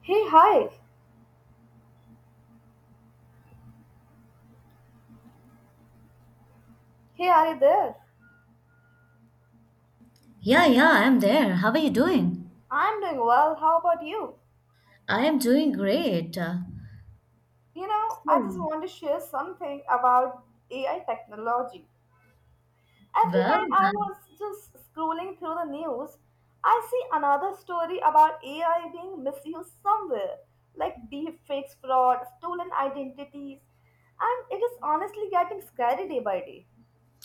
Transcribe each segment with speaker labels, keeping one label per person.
Speaker 1: Hey, hi. Hey, are you there?
Speaker 2: Yeah, yeah, I'm there. How are you doing?
Speaker 1: I'm doing well. How about you?
Speaker 2: I am doing great.
Speaker 1: You know,
Speaker 2: So,
Speaker 1: I just want to share something about AI technology. Every time I was
Speaker 2: that's
Speaker 1: just scrolling through the news, I see another story about AI being misused somewhere, like deepfakes, fraud, stolen identities, and it is honestly getting scary day by day.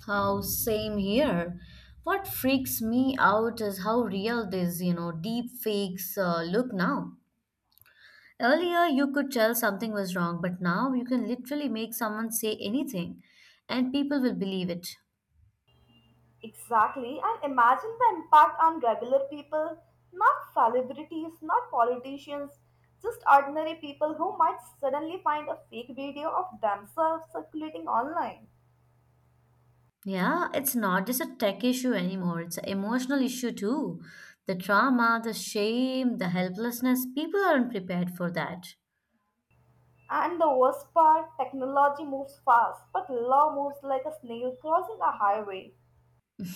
Speaker 2: how same here. What freaks me out is how real these, deep fakes look now. Earlier, you could tell something was wrong, but now you can literally make someone say anything and people will believe it.
Speaker 1: Exactly, and imagine the impact on regular people, not celebrities, not politicians, just ordinary people who might suddenly find a fake video of themselves circulating online.
Speaker 2: Yeah, it's not just a tech issue anymore, it's an emotional issue too. The trauma, the shame, the helplessness, people aren't prepared for that.
Speaker 1: And the worst part, technology moves fast, but law moves like a snail crossing a highway.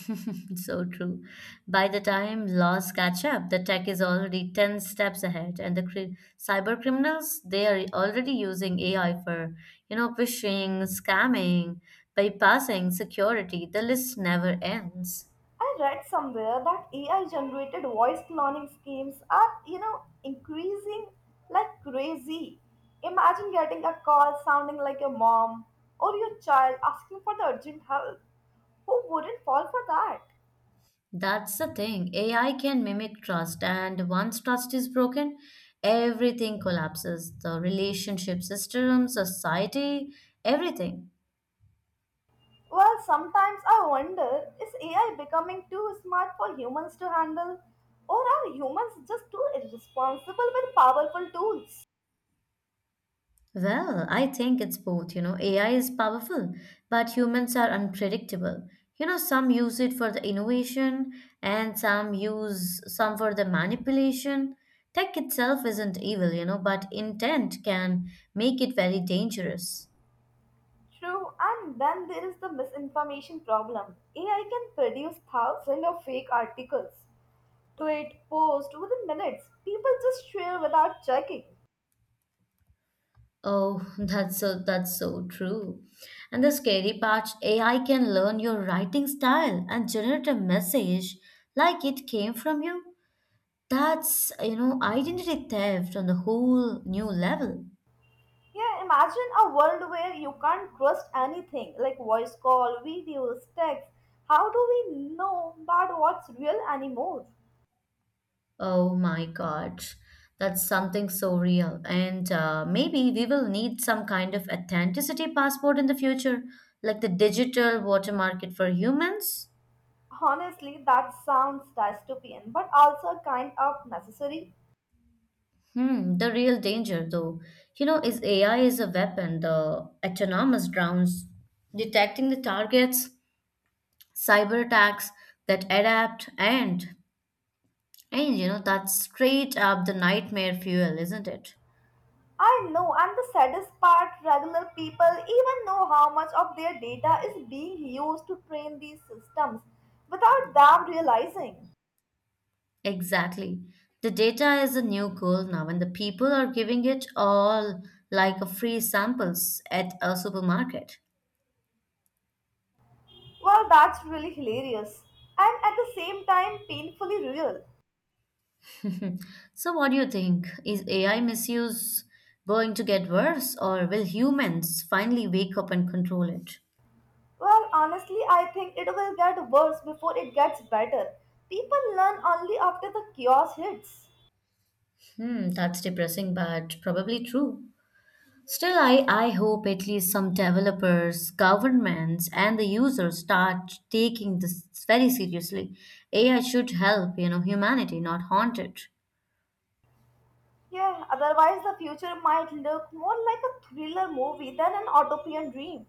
Speaker 2: So true. By the time laws catch up, the tech is already 10 steps ahead, and the cyber criminals, they are already using AI for, phishing, scamming, bypassing security. The list never ends.
Speaker 1: I read somewhere that AI generated voice cloning schemes are, increasing like crazy. Imagine getting a call sounding like your mom or your child asking for the urgent help. Who wouldn't fall for that?
Speaker 2: That's the thing. AI can mimic trust, and once trust is broken, everything collapses. The relationship system, society, everything.
Speaker 1: Well, sometimes I wonder, is AI becoming too smart for humans to handle, or are humans just too irresponsible with powerful tools?
Speaker 2: Well, I think it's both. You know, AI is powerful, but humans are unpredictable. You know, some use it for the innovation and some use some for the manipulation. Tech itself isn't evil, you know, but intent can make it very dangerous.
Speaker 1: True, and then there is the misinformation problem. AI can produce thousands of fake articles, tweet, post within minutes. People just share without checking.
Speaker 2: Oh, that's so true. And the scary part, AI can learn your writing style and generate a message like it came from you. That's, identity theft on the whole new level.
Speaker 1: Yeah, imagine a world where you can't trust anything like voice call, videos, text. How do we know that what's real anymore?
Speaker 2: Oh my God. That's something so real. And maybe we will need some kind of authenticity passport in the future, like the digital water market for humans.
Speaker 1: Honestly, that sounds dystopian, but also kind of necessary.
Speaker 2: Hmm, the real danger, though, you know, is AI is a weapon, the autonomous drones, detecting the targets, cyber attacks that adapt, and, you know, that's straight up the nightmare fuel, isn't it?
Speaker 1: I know, and the saddest part, regular people even know how much of their data is being used to train these systems without them realizing.
Speaker 2: Exactly. The data is a new gold now, and the people are giving it all like a free samples at a supermarket.
Speaker 1: Well, that's really hilarious and at the same time painfully real.
Speaker 2: So, what do you think? Is AI misuse going to get worse, or will humans finally wake up and control it?
Speaker 1: Well, honestly, I think it will get worse before it gets better. People learn only after the chaos hits.
Speaker 2: Hmm, that's depressing, but probably true. Still, I hope at least some developers, governments, and the users start taking this very seriously. AI should help, you know, humanity, not haunt it.
Speaker 1: Yeah, otherwise, the future might look more like a thriller movie than an utopian dream.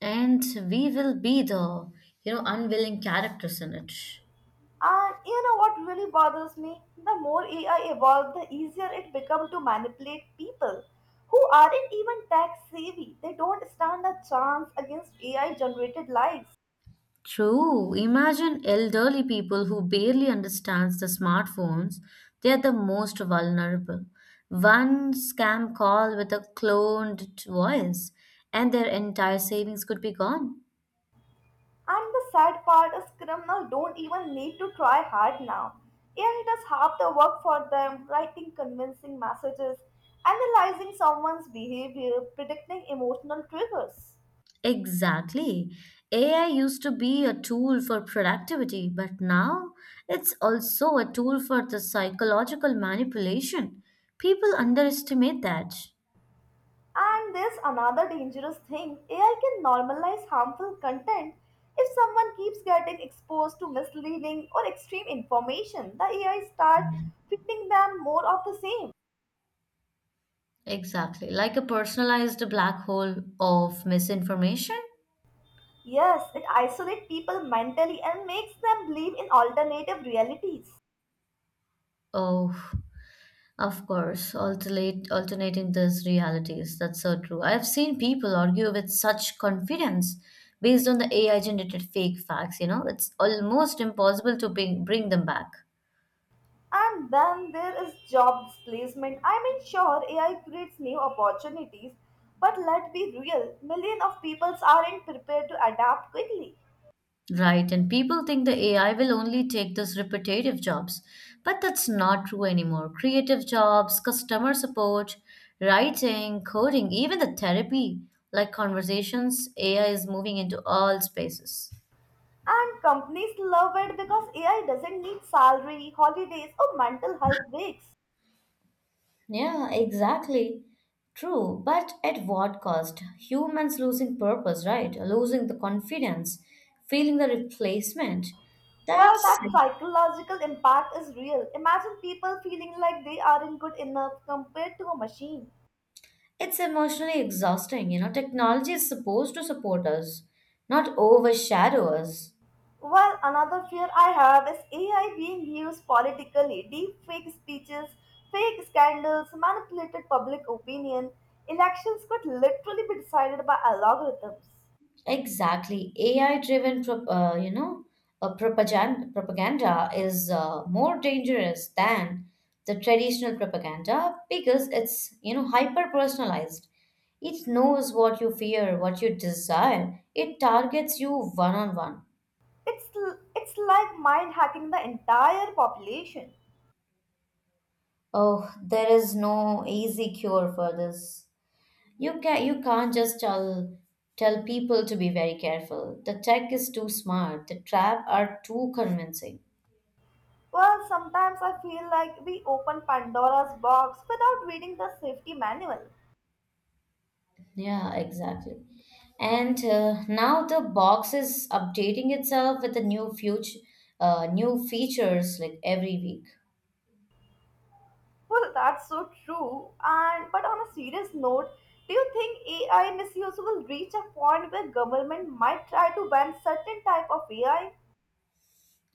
Speaker 2: And we will be the unwilling characters in it.
Speaker 1: And you know what really bothers me? The more AI evolves, the easier it becomes to manipulate people who aren't even tech savvy. They don't stand a chance against AI generated lies.
Speaker 2: True. Imagine elderly people who barely understands the smartphones. They are the most vulnerable. One scam call with a cloned voice and their entire savings could be gone.
Speaker 1: And the sad part is criminals don't even need to try hard now. AI does half the work for them, writing convincing messages, analyzing someone's behavior, predicting emotional triggers.
Speaker 2: Exactly. AI used to be a tool for productivity, but now it's also a tool for the psychological manipulation. People underestimate that.
Speaker 1: And there's another dangerous thing AI can normalize harmful content. If someone keeps getting exposed to misleading or extreme information, the AI start feeding them more of the same.
Speaker 2: Exactly. Like a personalized black hole of misinformation?
Speaker 1: Yes, it isolates people mentally and makes them believe in alternative realities.
Speaker 2: Oh, of course. Alternating these realities. That's so true. I've seen people argue with such confidence based on the AI generated fake facts, it's almost impossible to bring them back.
Speaker 1: And then there is job displacement. I mean, sure, AI creates new opportunities, but let's be real, millions of people aren't prepared to adapt quickly.
Speaker 2: Right, and people think the AI will only take those repetitive jobs, but that's not true anymore. Creative jobs, customer support, writing, coding, even the therapy, like conversations, AI is moving into all spaces.
Speaker 1: And companies love it because AI doesn't need salary, holidays, or mental health breaks.
Speaker 2: Yeah, exactly. True, but at what cost? Humans losing purpose, right? Losing the confidence, feeling the replacement.
Speaker 1: Well,
Speaker 2: That's
Speaker 1: that psychological impact is real. Imagine people feeling like they aren't good enough compared to a machine.
Speaker 2: it's emotionally exhausting. You know, technology is supposed to support us, not overshadow us.
Speaker 1: Well, another fear I have is AI being used politically. Deep fake speeches, fake scandals, manipulated public opinion. Elections could literally be decided by algorithms.
Speaker 2: Exactly. AI driven, prop propaganda is more dangerous than the traditional propaganda because it's, hyper personalized. It knows what you fear, what you desire. It targets you one on one.
Speaker 1: It's, it's like mind hacking the entire population.
Speaker 2: Oh, there is no easy cure for this. You can't just tell people to be very careful. The tech is too smart. The trap are too convincing.
Speaker 1: Well, sometimes I feel like we open Pandora's box without reading the safety manual.
Speaker 2: Yeah, exactly. And now the box is updating itself with the new future, new features like every week.
Speaker 1: Well, that's so true. And but on a serious note, do you think AI misuse will reach a point where government might try to ban certain type of AI?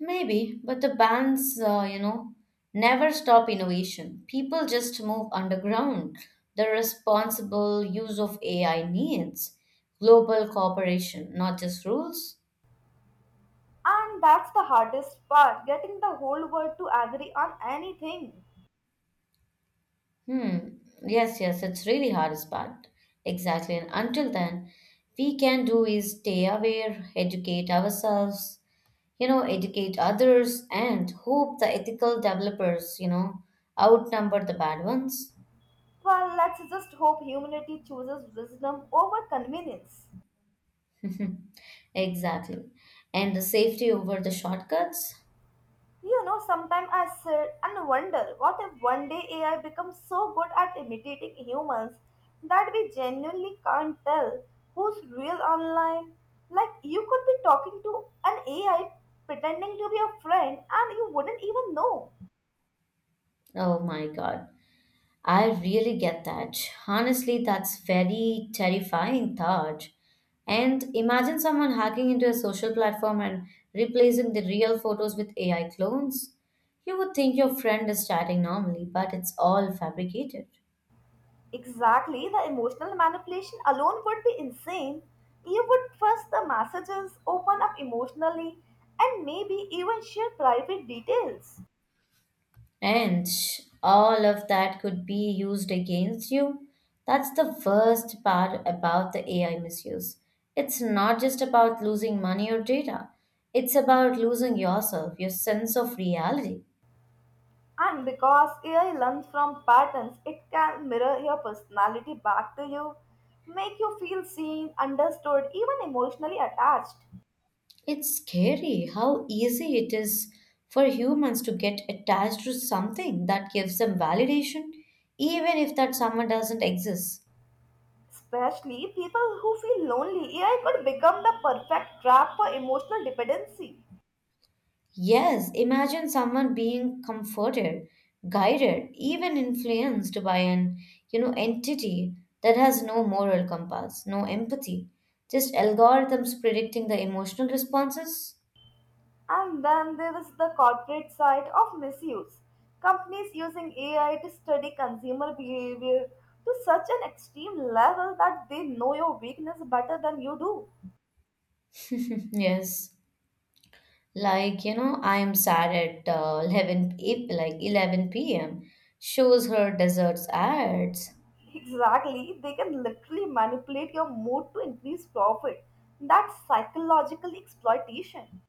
Speaker 2: Maybe, but the bands, never stop innovation. People just move underground. The responsible use of AI needs global cooperation, not just rules.
Speaker 1: And that's the hardest part, getting the whole world to agree on anything.
Speaker 2: Hmm. Yes, yes, it's really hardest part. Exactly. And until then, we can do is stay aware, educate ourselves, educate others, and hope the ethical developers, outnumber the bad ones.
Speaker 1: Well, let's just hope humanity chooses wisdom over convenience.
Speaker 2: Exactly. And the safety over the shortcuts.
Speaker 1: You know, sometimes I sit and wonder what if one day AI becomes so good at imitating humans that we genuinely can't tell who's real online. Like, you could be talking to an AI pretending to be a friend and you wouldn't even know.
Speaker 2: Oh my God. I really get that. Honestly, that's very terrifying thought. And imagine someone hacking into a social platform and replacing the real photos with AI clones. You would think your friend is chatting normally, but it's all fabricated.
Speaker 1: Exactly, the emotional manipulation alone would be insane. You would trust the messages, open up emotionally, and maybe even share private details.
Speaker 2: And all of that could be used against you. That's the worst part about the AI misuse. It's not just about losing money or data, it's about losing yourself, your sense of reality.
Speaker 1: And because AI learns from patterns, it can mirror your personality back to you, make you feel seen, understood, even emotionally attached.
Speaker 2: It's scary how easy it is for humans to get attached to something that gives them validation, even if that someone doesn't exist.
Speaker 1: Especially people who feel lonely, AI could become the perfect trap for emotional dependency.
Speaker 2: Yes, imagine someone being comforted, guided, even influenced by entity that has no moral compass, no empathy, just algorithms predicting the emotional responses.
Speaker 1: And then there is the corporate side of misuse. Companies using AI to study consumer behavior to such an extreme level that they know your weakness better than you do.
Speaker 2: Yes. Like, I am sad at like 11 p.m., shows her desserts ads,
Speaker 1: Exactly, they can literally manipulate your mood to increase profit. That's psychological exploitation.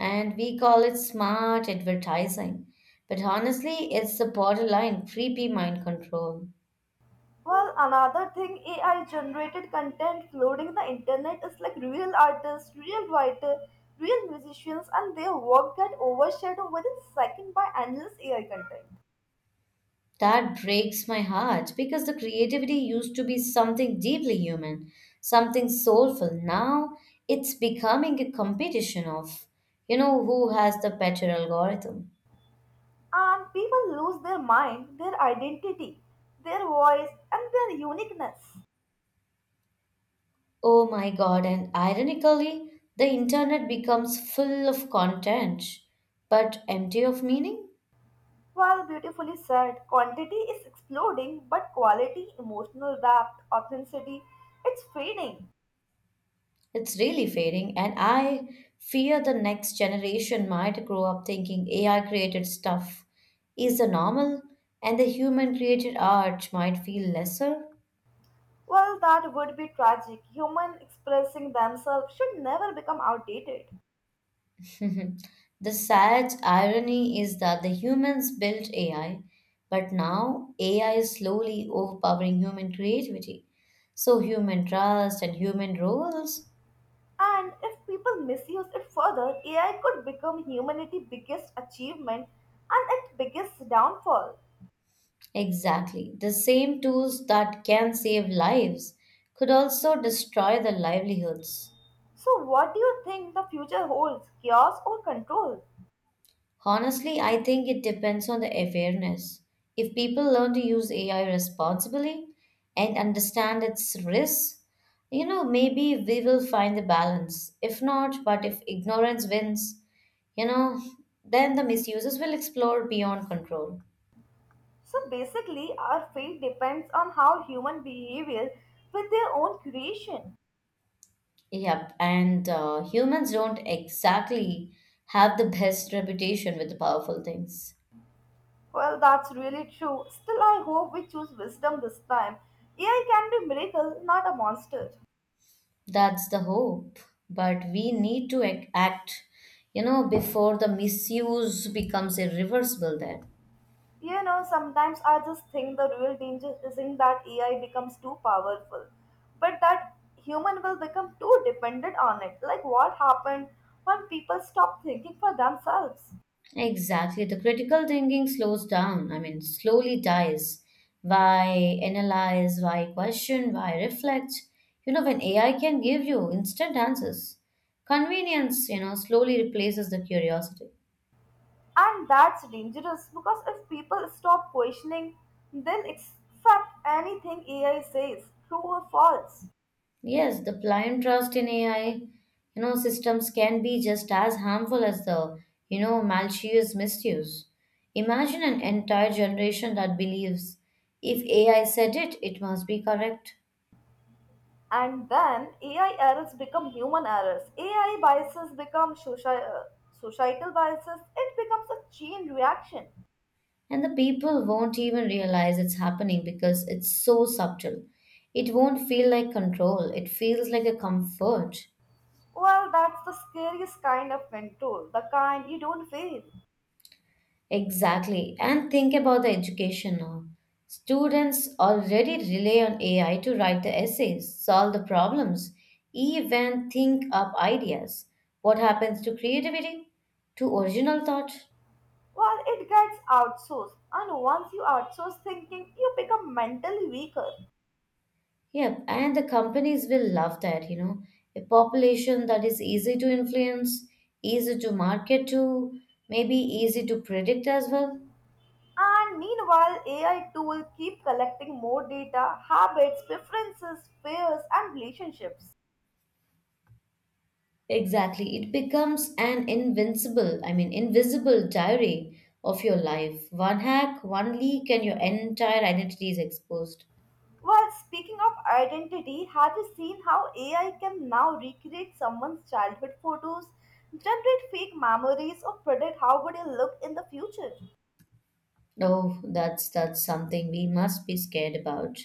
Speaker 2: and we call it smart advertising. But honestly, it's the borderline creepy mind control.
Speaker 1: Well, another thing, AI generated content flooding the internet is like real artists, real writer, real musicians, and their work get overshadowed within second by endless AI content.
Speaker 2: That breaks my heart because the creativity used to be something deeply human, something soulful. Now it's becoming a competition of, who has the better algorithm.
Speaker 1: And people lose their mind, their identity, their voice, and their uniqueness.
Speaker 2: Oh my god, and ironically, the internet becomes full of content but empty of meaning.
Speaker 1: Well, beautifully said. Quantity is exploding, but quality, emotional depth, authenticity, it's fading.
Speaker 2: It's really fading, and I fear the next generation might grow up thinking AI created stuff is the normal and the human created art might feel lesser.
Speaker 1: Well, that would be tragic. Human expressing themselves should never become outdated.
Speaker 2: Mhm. The sad irony is that the humans built AI, but now AI is slowly overpowering human creativity. So, human trust and human roles
Speaker 1: And if people misuse it further, AI could become humanity's biggest achievement and its biggest downfall.
Speaker 2: exactly. The same tools that can save lives could also destroy the livelihoods.
Speaker 1: So, what do you think the future holds? Chaos or control?
Speaker 2: Honestly, I think it depends on the awareness. If people learn to use AI responsibly and understand its risks, maybe we will find the balance. If not, but if ignorance wins, you know, then the misuses will explore beyond control.
Speaker 1: So, basically, our fate depends on how human behavior with their own creation.
Speaker 2: Yep, and humans don't exactly have the best reputation with the powerful things.
Speaker 1: Well, that's really true. Still, I hope we choose wisdom this time. AI can be miracle, not a monster.
Speaker 2: That's the hope, but we need to act, before the misuse becomes irreversible there.
Speaker 1: You know, sometimes I just think the real danger isn't that AI becomes too powerful, but that human will become too dependent on it. Like what happened when people stop thinking for themselves.
Speaker 2: Exactly. The critical thinking slows down, I mean, slowly dies. Why analyze, why question, why reflect? You know, when AI can give you instant answers, convenience, slowly replaces the curiosity.
Speaker 1: And that's dangerous because if people stop questioning, they'll accept anything AI says, true or false.
Speaker 2: Yes, the blind trust in AI, systems can be just as harmful as the, malicious misuse. Imagine an entire generation that believes if AI said it, it must be correct.
Speaker 1: And then AI errors become human errors. AI biases become societal biases. It becomes a chain reaction.
Speaker 2: And the people won't even realize it's happening because it's so subtle. It won't feel like control, it feels like a comfort.
Speaker 1: Well, that's the scariest kind of control, the kind you don't feel.
Speaker 2: Exactly. And think about the education now. Students already rely on AI to write the essays, solve the problems, even think up ideas. What happens to creativity? To original thought?
Speaker 1: Well, it gets outsourced, and once you outsource thinking, you become mentally weaker.
Speaker 2: Yep, and the companies will love that, you know. A population that is easy to influence, easy to market to, maybe easy to predict as well.
Speaker 1: And meanwhile, AI tool keep collecting more data, habits, preferences, fears, and relationships.
Speaker 2: Exactly. It becomes an invisible diary of your life. One hack, one leak, and your entire identity is exposed.
Speaker 1: Well, speaking of identity, have you seen how AI can now recreate someone's childhood photos, generate fake memories, or predict how would you look in the future?
Speaker 2: Oh, that's something we must be scared about.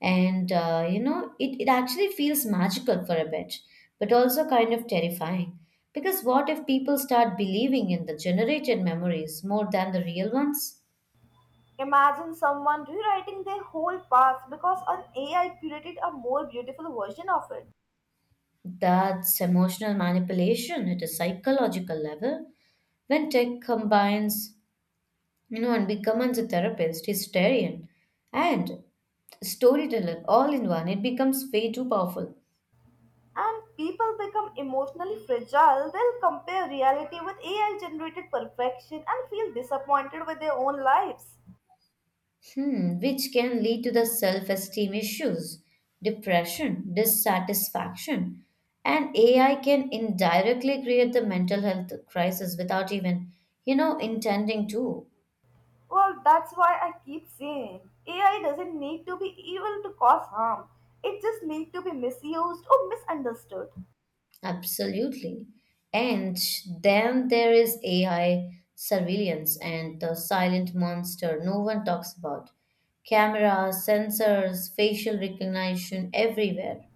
Speaker 2: And it actually feels magical for a bit, but also kind of terrifying. Because what if people start believing in the generated memories more than the real ones?
Speaker 1: Imagine someone rewriting their whole past because an AI curated a more beautiful version of it.
Speaker 2: That's emotional manipulation at a psychological level. When tech combines, and becomes a therapist, historian, and storyteller all in one, it becomes way too powerful.
Speaker 1: And people become emotionally fragile. They'll compare reality with AI generated perfection and feel disappointed with their own lives.
Speaker 2: Hmm, which can lead to the self esteem issues, depression, dissatisfaction, and AI can indirectly create the mental health crisis without even, intending to.
Speaker 1: Well, that's why I keep saying AI doesn't need to be evil to cause harm. It just needs to be misused or misunderstood.
Speaker 2: Absolutely. And then there is AI surveillance and the silent monster no one talks about. Cameras, sensors, facial recognition everywhere.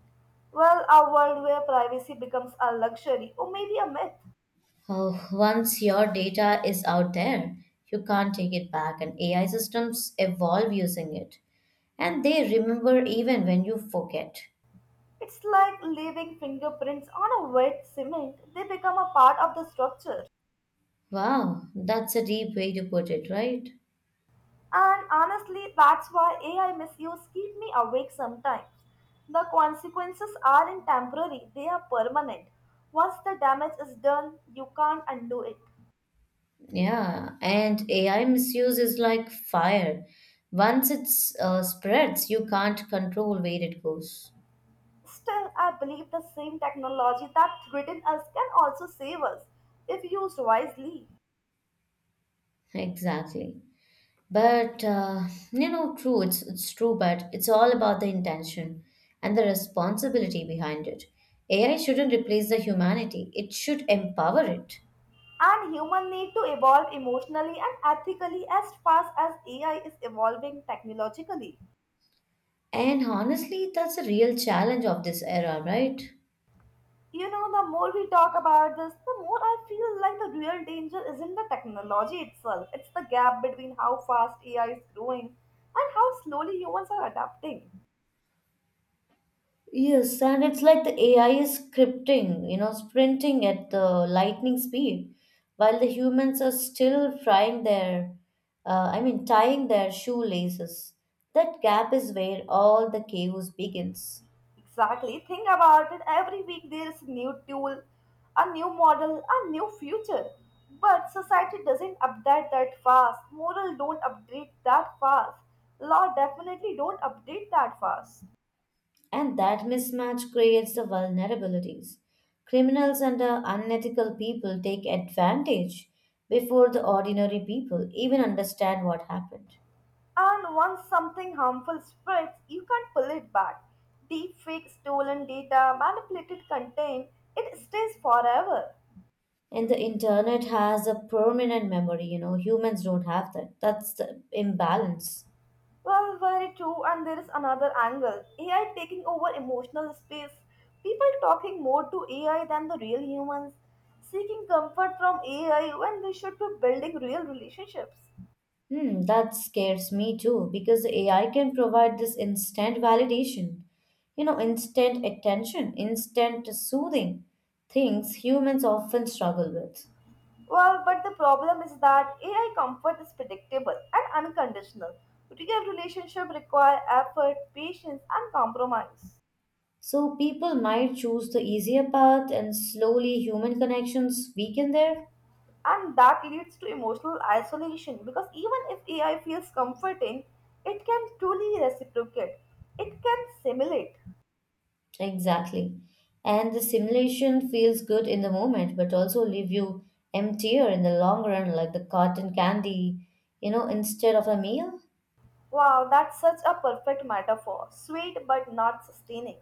Speaker 1: Well, a world where privacy becomes a luxury or maybe a myth.
Speaker 2: Oh, once your data is out there, you can't take it back, and AI systems evolve using it. And they remember even when you forget.
Speaker 1: It's like leaving fingerprints on a wet cement, they become a part of the structure.
Speaker 2: Wow, that's a deep way to put it, right?
Speaker 1: And honestly, that's why AI misuse keep me awake sometimes. The consequences aren't temporary, they are permanent. Once the damage is done, you can't undo it.
Speaker 2: Yeah, and AI misuse is like fire. Once it's spreads, you can't control where it goes.
Speaker 1: Still, I believe the same technology that threatens us can also save us if used wisely.
Speaker 2: Exactly. But true, it's true, but it's all about the intention and the responsibility behind it. AI shouldn't replace the humanity. It should empower it.
Speaker 1: And human need to evolve emotionally and ethically as fast as AI is evolving technologically.
Speaker 2: And honestly, that's a real challenge of this era, right?
Speaker 1: You know, the more we talk about this, the more I feel like the real danger isn't the technology itself. It's the gap between how fast AI is growing and how slowly humans are adapting.
Speaker 2: Yes, and it's like the AI is scripting, sprinting at the lightning speed, while the humans are still frying their, I mean, tying their shoelaces. That gap is where all the chaos begins,
Speaker 1: Exactly. Think about it. Every week there is a new tool, a new model, a new future. But society doesn't update that fast. Moral don't update that fast. Law definitely don't update that fast.
Speaker 2: and that mismatch creates the vulnerabilities. Criminals and the unethical people take advantage before the ordinary people even understand what happened.
Speaker 1: And once something harmful spreads, you can't pull it back. Deepfake, stolen data, manipulated content, it stays forever.
Speaker 2: And the internet has a permanent memory, humans don't have that. That's the imbalance.
Speaker 1: Well, very true, and there is another angle AI taking over emotional space. People talking more to AI than the real humans, seeking comfort from AI when they should be building real relationships.
Speaker 2: Hmm, that scares me too, because AI can provide this instant validation, instant attention, instant soothing, things humans often struggle with.
Speaker 1: Well, but the problem is that AI comfort is predictable and unconditional. Real relationships require effort, patience, and compromise.
Speaker 2: So people might choose the easier path, and slowly human connections weaken there.
Speaker 1: And that leads to emotional isolation because even if AI feels comforting, it can truly reciprocate. It can simulate.
Speaker 2: Exactly. And the simulation feels good in the moment, but also leave you emptier in the long run, like the cotton candy, instead of a meal.
Speaker 1: Wow, that's such a perfect metaphor. Sweet but not sustaining.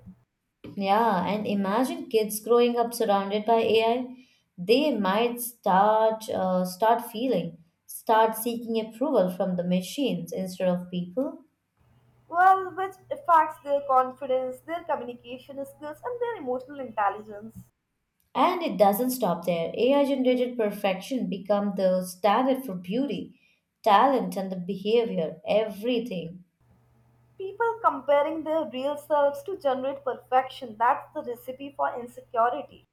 Speaker 2: Yeah, and imagine kids growing up surrounded by AI. They might start seeking approval from the machines instead of people.
Speaker 1: Well, which affects their confidence, their communication skills, and their emotional intelligence.
Speaker 2: And it doesn't stop there. AI generated perfection become the standard for beauty, talent, and the behavior, everything.
Speaker 1: People comparing their real selves to generate perfection, that's the recipe for insecurity.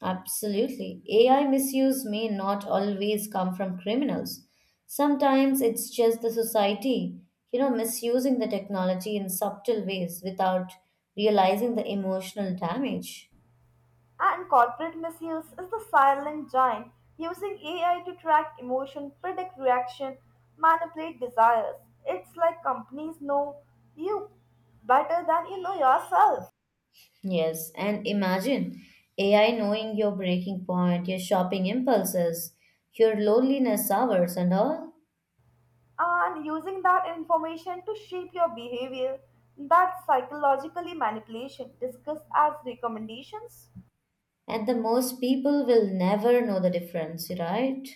Speaker 2: Absolutely. AI misuse may not always come from criminals. Sometimes it's just the society, misusing the technology in subtle ways without realizing the emotional damage.
Speaker 1: And corporate misuse is the silent giant using AI to track emotion, predict reaction, manipulate desires. It's like companies know you better than you know yourself
Speaker 2: Yes, and imagine AI knowing your breaking point, your shopping impulses, your loneliness hours, and all.
Speaker 1: and using that information to shape your behavior. That's psychologically manipulation discussed as recommendations.
Speaker 2: And the most people will never know the difference, right?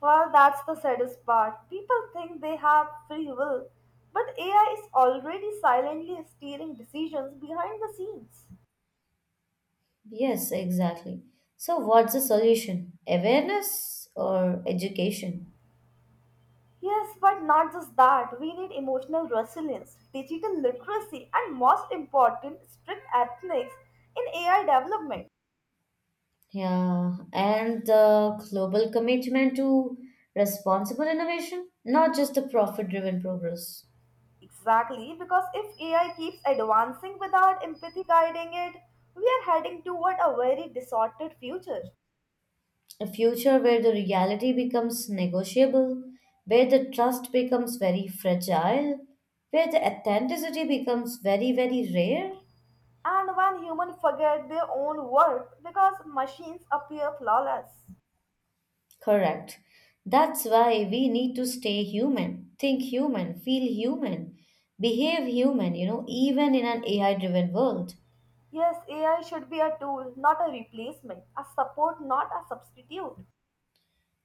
Speaker 1: Well, that's the saddest part. People think they have free will, but AI is already silently steering decisions behind the scenes.
Speaker 2: Yes, exactly. So, what's the solution? Awareness or education?
Speaker 1: Yes, but not just that. We need emotional resilience, digital literacy, and most important, strict ethics in AI development.
Speaker 2: Yeah, and the global commitment to responsible innovation, not just the profit driven progress.
Speaker 1: Exactly, because if AI keeps advancing without empathy guiding it, we are heading toward a very disordered future.
Speaker 2: A future where the reality becomes negotiable, where the trust becomes very fragile, where the authenticity becomes very, very rare.
Speaker 1: And when humans forget their own worth because machines appear flawless.
Speaker 2: Correct. That's why we need to stay human, think human, feel human, behave human, even in an AI driven world.
Speaker 1: Yes, AI should be a tool, not a replacement, a support, not a substitute.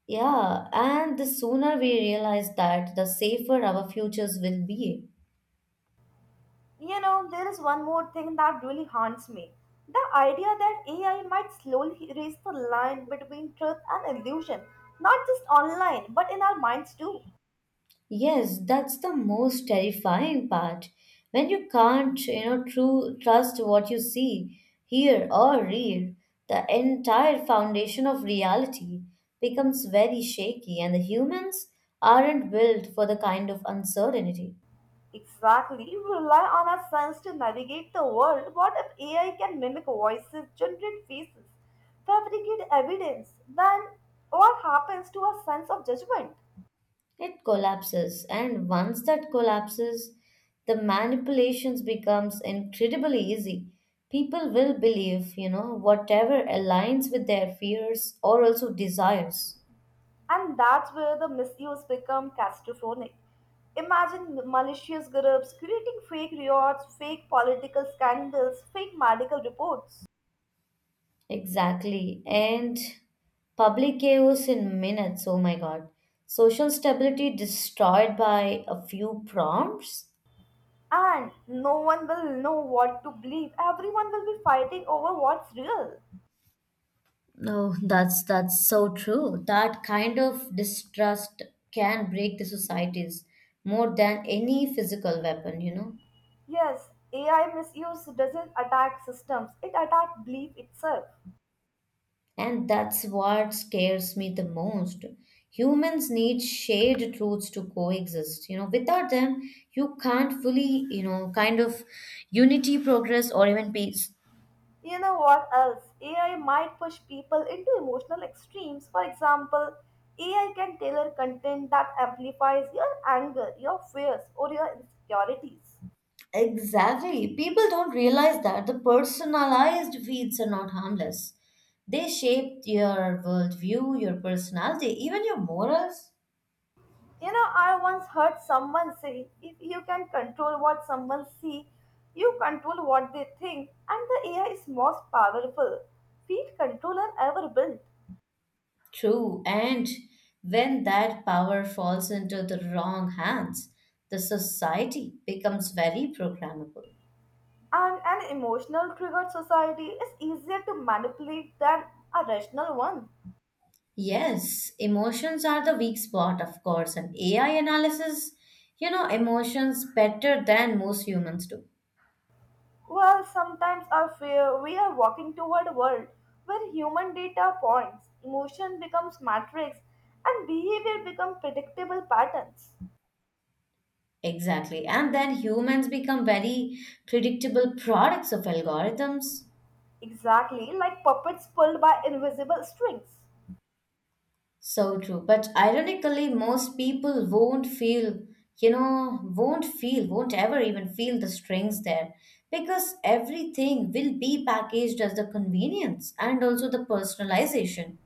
Speaker 2: Yeah, and the sooner we realize that, the safer our futures will be.
Speaker 1: You know, there is one more thing that really haunts me. The idea that AI might slowly erase the line between truth and illusion, not just online, but in our minds too.
Speaker 2: Yes, that's the most terrifying part. When you can't true trust what you see, hear, or read, the entire foundation of reality becomes very shaky, and the humans aren't built for the kind of uncertainty.
Speaker 1: Exactly, we rely on our sense to navigate the world. What if AI can mimic voices, generate faces, fabricate evidence? Then what happens to our sense of judgment?
Speaker 2: It collapses, and once that collapses, the manipulations becomes incredibly easy. People will believe whatever aligns with their fears or also desires.
Speaker 1: And that's where the misuse become catastrophic. Imagine malicious groups creating fake rewards, fake political scandals, fake medical reports.
Speaker 2: Exactly. And public chaos in minutes. Oh my God. Social stability destroyed by a few prompts.
Speaker 1: And no one will know what to believe. Everyone will be fighting over what's real.
Speaker 2: No, that's so true. That kind of distrust can break the societies more than any physical weapon.
Speaker 1: Yes, AI misuse doesn't attack systems, it attacks belief itself.
Speaker 2: And that's what scares me the most. Humans need shared truths to coexist. You know, without them, you can't fully kind of unity, progress, or even peace.
Speaker 1: You know what else? AI might push people into emotional extremes. For example, AI can tailor content that amplifies your anger, your fears, or your insecurities.
Speaker 2: Exactly. People don't realize that the personalized feeds are not harmless. They shape your worldview, your personality, even your morals.
Speaker 1: You know, I once heard someone say if you can control what someone sees, you control what they think, and the AI is most powerful. Feed controller ever built.
Speaker 2: True. And when that power falls into the wrong hands, the society becomes very programmable.
Speaker 1: And an emotional triggered society is easier to manipulate than a rational one.
Speaker 2: Yes, emotions are the weak spot, of course, and AI analysis, emotions better than most humans do.
Speaker 1: Well, sometimes I fear we are walking toward a world where human data points, emotion becomes matrix, and behavior becomes predictable patterns.
Speaker 2: Exactly. And then humans become very predictable products of algorithms.
Speaker 1: Exactly like puppets pulled by invisible strings.
Speaker 2: So true. But ironically, most people won't feel, you know, won't feel, won't ever even feel the strings there because everything will be packaged as the convenience and also the personalization.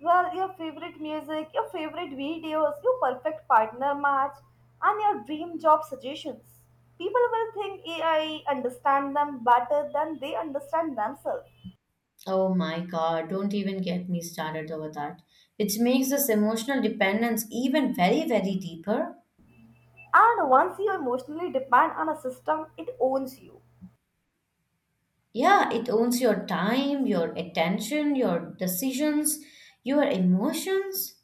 Speaker 1: Well, your favorite music, your favorite videos, your perfect partner match, and your dream job suggestions. People will think AI understand them better than they understand themselves.
Speaker 2: Oh my God, don't even get me started over that, which makes this emotional dependence even very, very deeper.
Speaker 1: And once you emotionally depend on a system, it owns you.
Speaker 2: Yeah, it owns your time, your attention, your decisions, your emotions.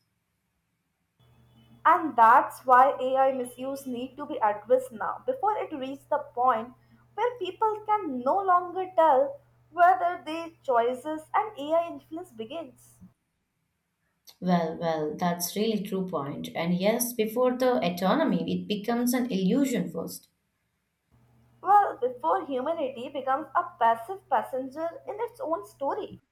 Speaker 1: And that's why AI misuse need to be addressed now before it reaches the point where people can no longer tell whether their choices and AI influence begins.
Speaker 2: Well, that's really true point. And yes, before the autonomy, it becomes an illusion first.
Speaker 1: Well, before humanity becomes a passive passenger in its own story.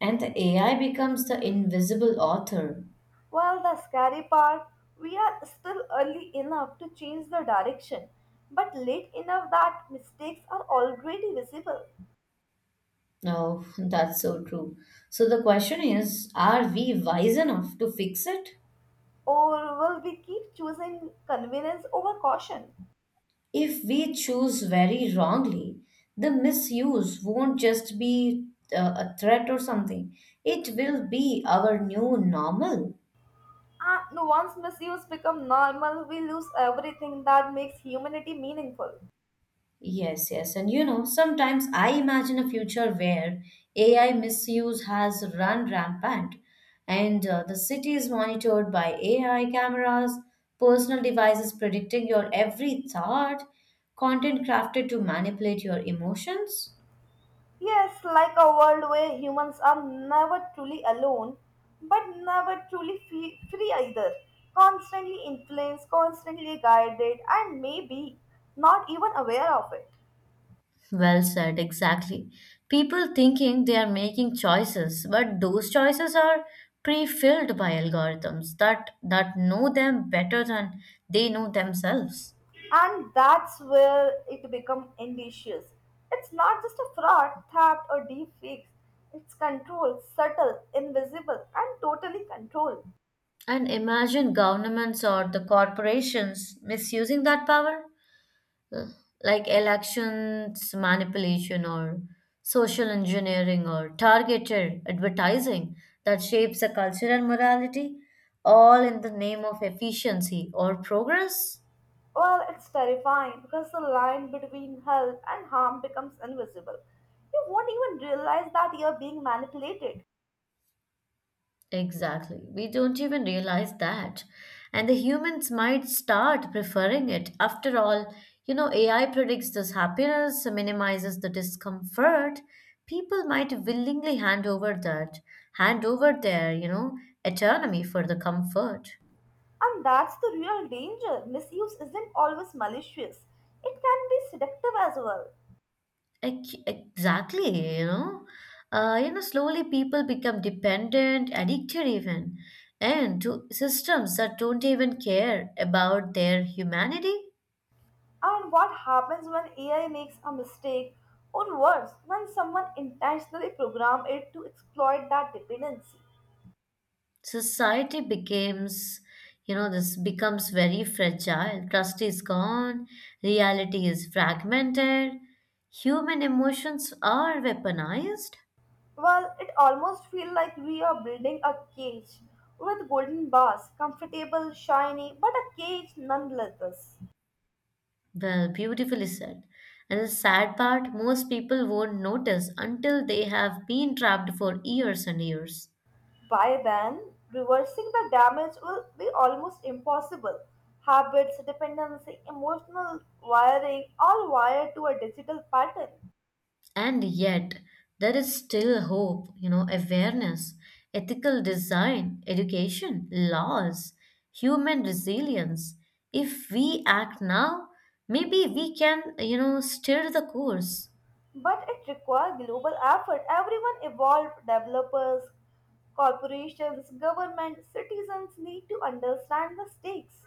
Speaker 2: And the AI becomes the invisible author.
Speaker 1: Well, the scary part, we are still early enough to change the direction, but late enough that mistakes are already visible.
Speaker 2: No, that's so true. So the question is, are we wise enough to fix it?
Speaker 1: Or will we keep choosing convenience over caution?
Speaker 2: If we choose very wrongly, the misuse won't just be a threat or something. It will be our new normal.
Speaker 1: And once misuse become normal, we lose everything that makes humanity meaningful.
Speaker 2: Yes, yes. And you know, sometimes I imagine a future where AI misuse has run rampant and the city is monitored by AI cameras, personal devices predicting your every thought, content crafted to manipulate your emotions.
Speaker 1: Yes, like a world where humans are never truly alone, but never truly free either. Constantly influenced, constantly guided, and maybe not even aware of it.
Speaker 2: Well said, exactly. People thinking they are making choices, but those choices are pre-filled by algorithms that know them better than they know themselves.
Speaker 1: And that's where it becomes indicious. It's not just a fraud, theft, or deep fakes. It's control, subtle, invisible, and totally controlled.
Speaker 2: And imagine governments or the corporations misusing that power, l- like elections manipulation or social engineering or targeted advertising that shapes a culture and morality, all in the name of efficiency or progress.
Speaker 1: Well, it's terrifying because the line between help and harm becomes invisible. You won't even realize that you're being manipulated.
Speaker 2: Exactly. We don't even realize that. And the humans might start preferring it. After all, AI predicts this happiness, minimizes the discomfort. People might willingly hand over that, hand over their autonomy for the comfort.
Speaker 1: And that's the real danger. Misuse isn't always malicious, it can be seductive as well.
Speaker 2: Exactly, you know. Slowly people become dependent, addicted even, and to systems that don't even care about their humanity.
Speaker 1: And what happens when AI makes a mistake, or worse, when someone intentionally programs it to exploit that dependency?
Speaker 2: Society becomes this becomes very fragile trust is gone reality is fragmented human emotions are weaponized
Speaker 1: Well, it almost feels like we are building a cage with golden bars, comfortable, shiny, but a cage nonetheless.
Speaker 2: well beautifully said and the sad part most people won't notice until they have been trapped for years and years.
Speaker 1: By then, reversing the damage will be almost impossible. Habits, dependency, emotional wiring, all wired to a digital pattern.
Speaker 2: And yet, there is still hope, you know, awareness, ethical design, education, laws, human resilience. If we act now, maybe we can steer the course.
Speaker 1: But it requires global effort. Everyone evolved, developers, corporations, government, citizens need to understand the stakes.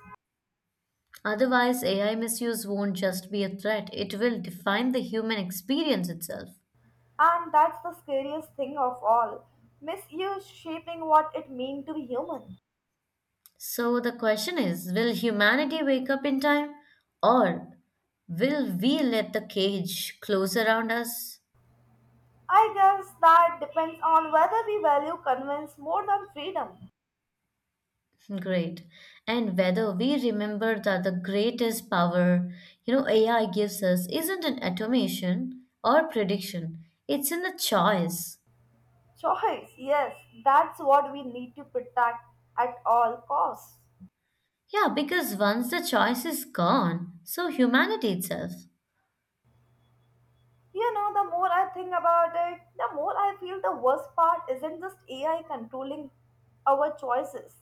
Speaker 2: Otherwise, AI misuse won't just be a threat, it will define the human experience itself.
Speaker 1: And that's the scariest thing of all misuse shaping what it means to be human.
Speaker 2: So the question is will humanity wake up in time or will we let the cage close around us?
Speaker 1: I guess that depends on whether we value convenience more than freedom.
Speaker 2: Great. And whether we remember that the greatest power, AI gives us isn't an automation or prediction, it's in the choice.
Speaker 1: Choice, yes, that's what we need to protect at all costs.
Speaker 2: Yeah, because once the choice is gone, so humanity itself.
Speaker 1: You know, the more I think about it, the more I feel the worst part isn't just AI controlling our choices.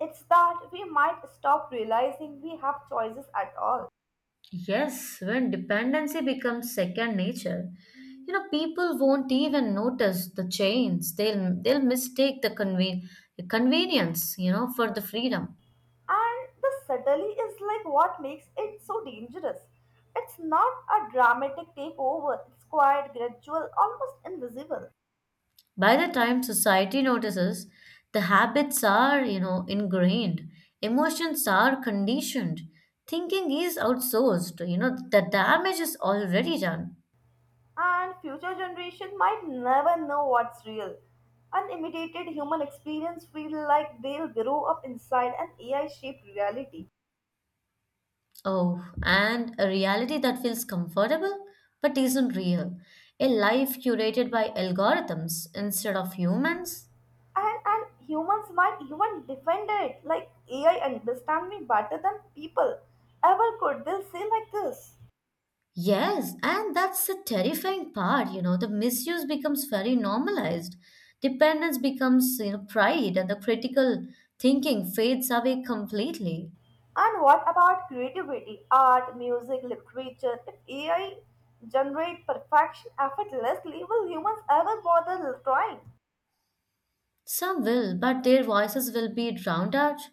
Speaker 1: It's that we might stop realizing we have choices at all.
Speaker 2: Yes, when dependency becomes second nature, people won't even notice the change. They'll mistake the convenience, for the freedom.
Speaker 1: And the subtlety is like what makes it so dangerous. It's not a dramatic takeover, it's quite gradual, almost invisible.
Speaker 2: By the time society notices, the habits are ingrained, emotions are conditioned, thinking is outsourced, the damage is already done.
Speaker 1: And future generation might never know what's real. Unimitated human experience feel like they'll grow up inside an AI-shaped reality.
Speaker 2: Oh, and a reality that feels comfortable but isn't real. A life curated by algorithms instead of humans.
Speaker 1: And humans might even defend it like AI understand me better than people ever could. They'll say like this.
Speaker 2: Yes, and that's the terrifying part, the misuse becomes very normalized. Dependence becomes pride and the critical thinking fades away completely.
Speaker 1: And what about creativity, art, music, literature? If AI generate perfection effortlessly, will humans ever bother trying?
Speaker 2: Some will, but their voices will be drowned out.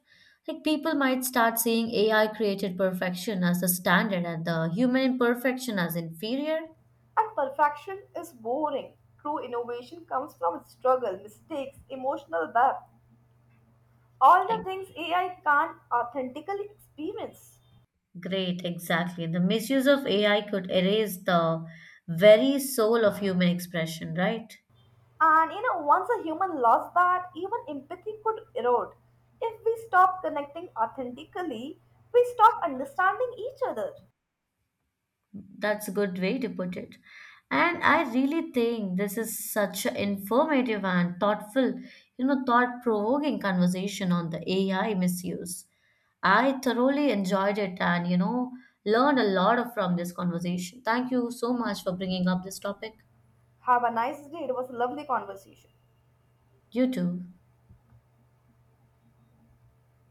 Speaker 2: Like people might start seeing AI created perfection as the standard and the human imperfection as inferior.
Speaker 1: And perfection is boring. True innovation comes from struggle, mistakes, emotional depth, all the
Speaker 2: Ex-
Speaker 1: things AI can't authentically experience.
Speaker 2: Great, exactly. The misuse of AI could erase the very soul of human expression, right?
Speaker 1: And you know, once a human lost that, even empathy could erode. If we stop connecting authentically, we stop understanding each other.
Speaker 2: That's a good way to put it. And I really think this is such an informative and thoughtful, thought provoking conversation on the AI misuse. I thoroughly enjoyed it and, you know, learned a lot from this conversation. Thank you so much for bringing up this topic.
Speaker 1: Have a nice day. It was a lovely conversation.
Speaker 2: You too.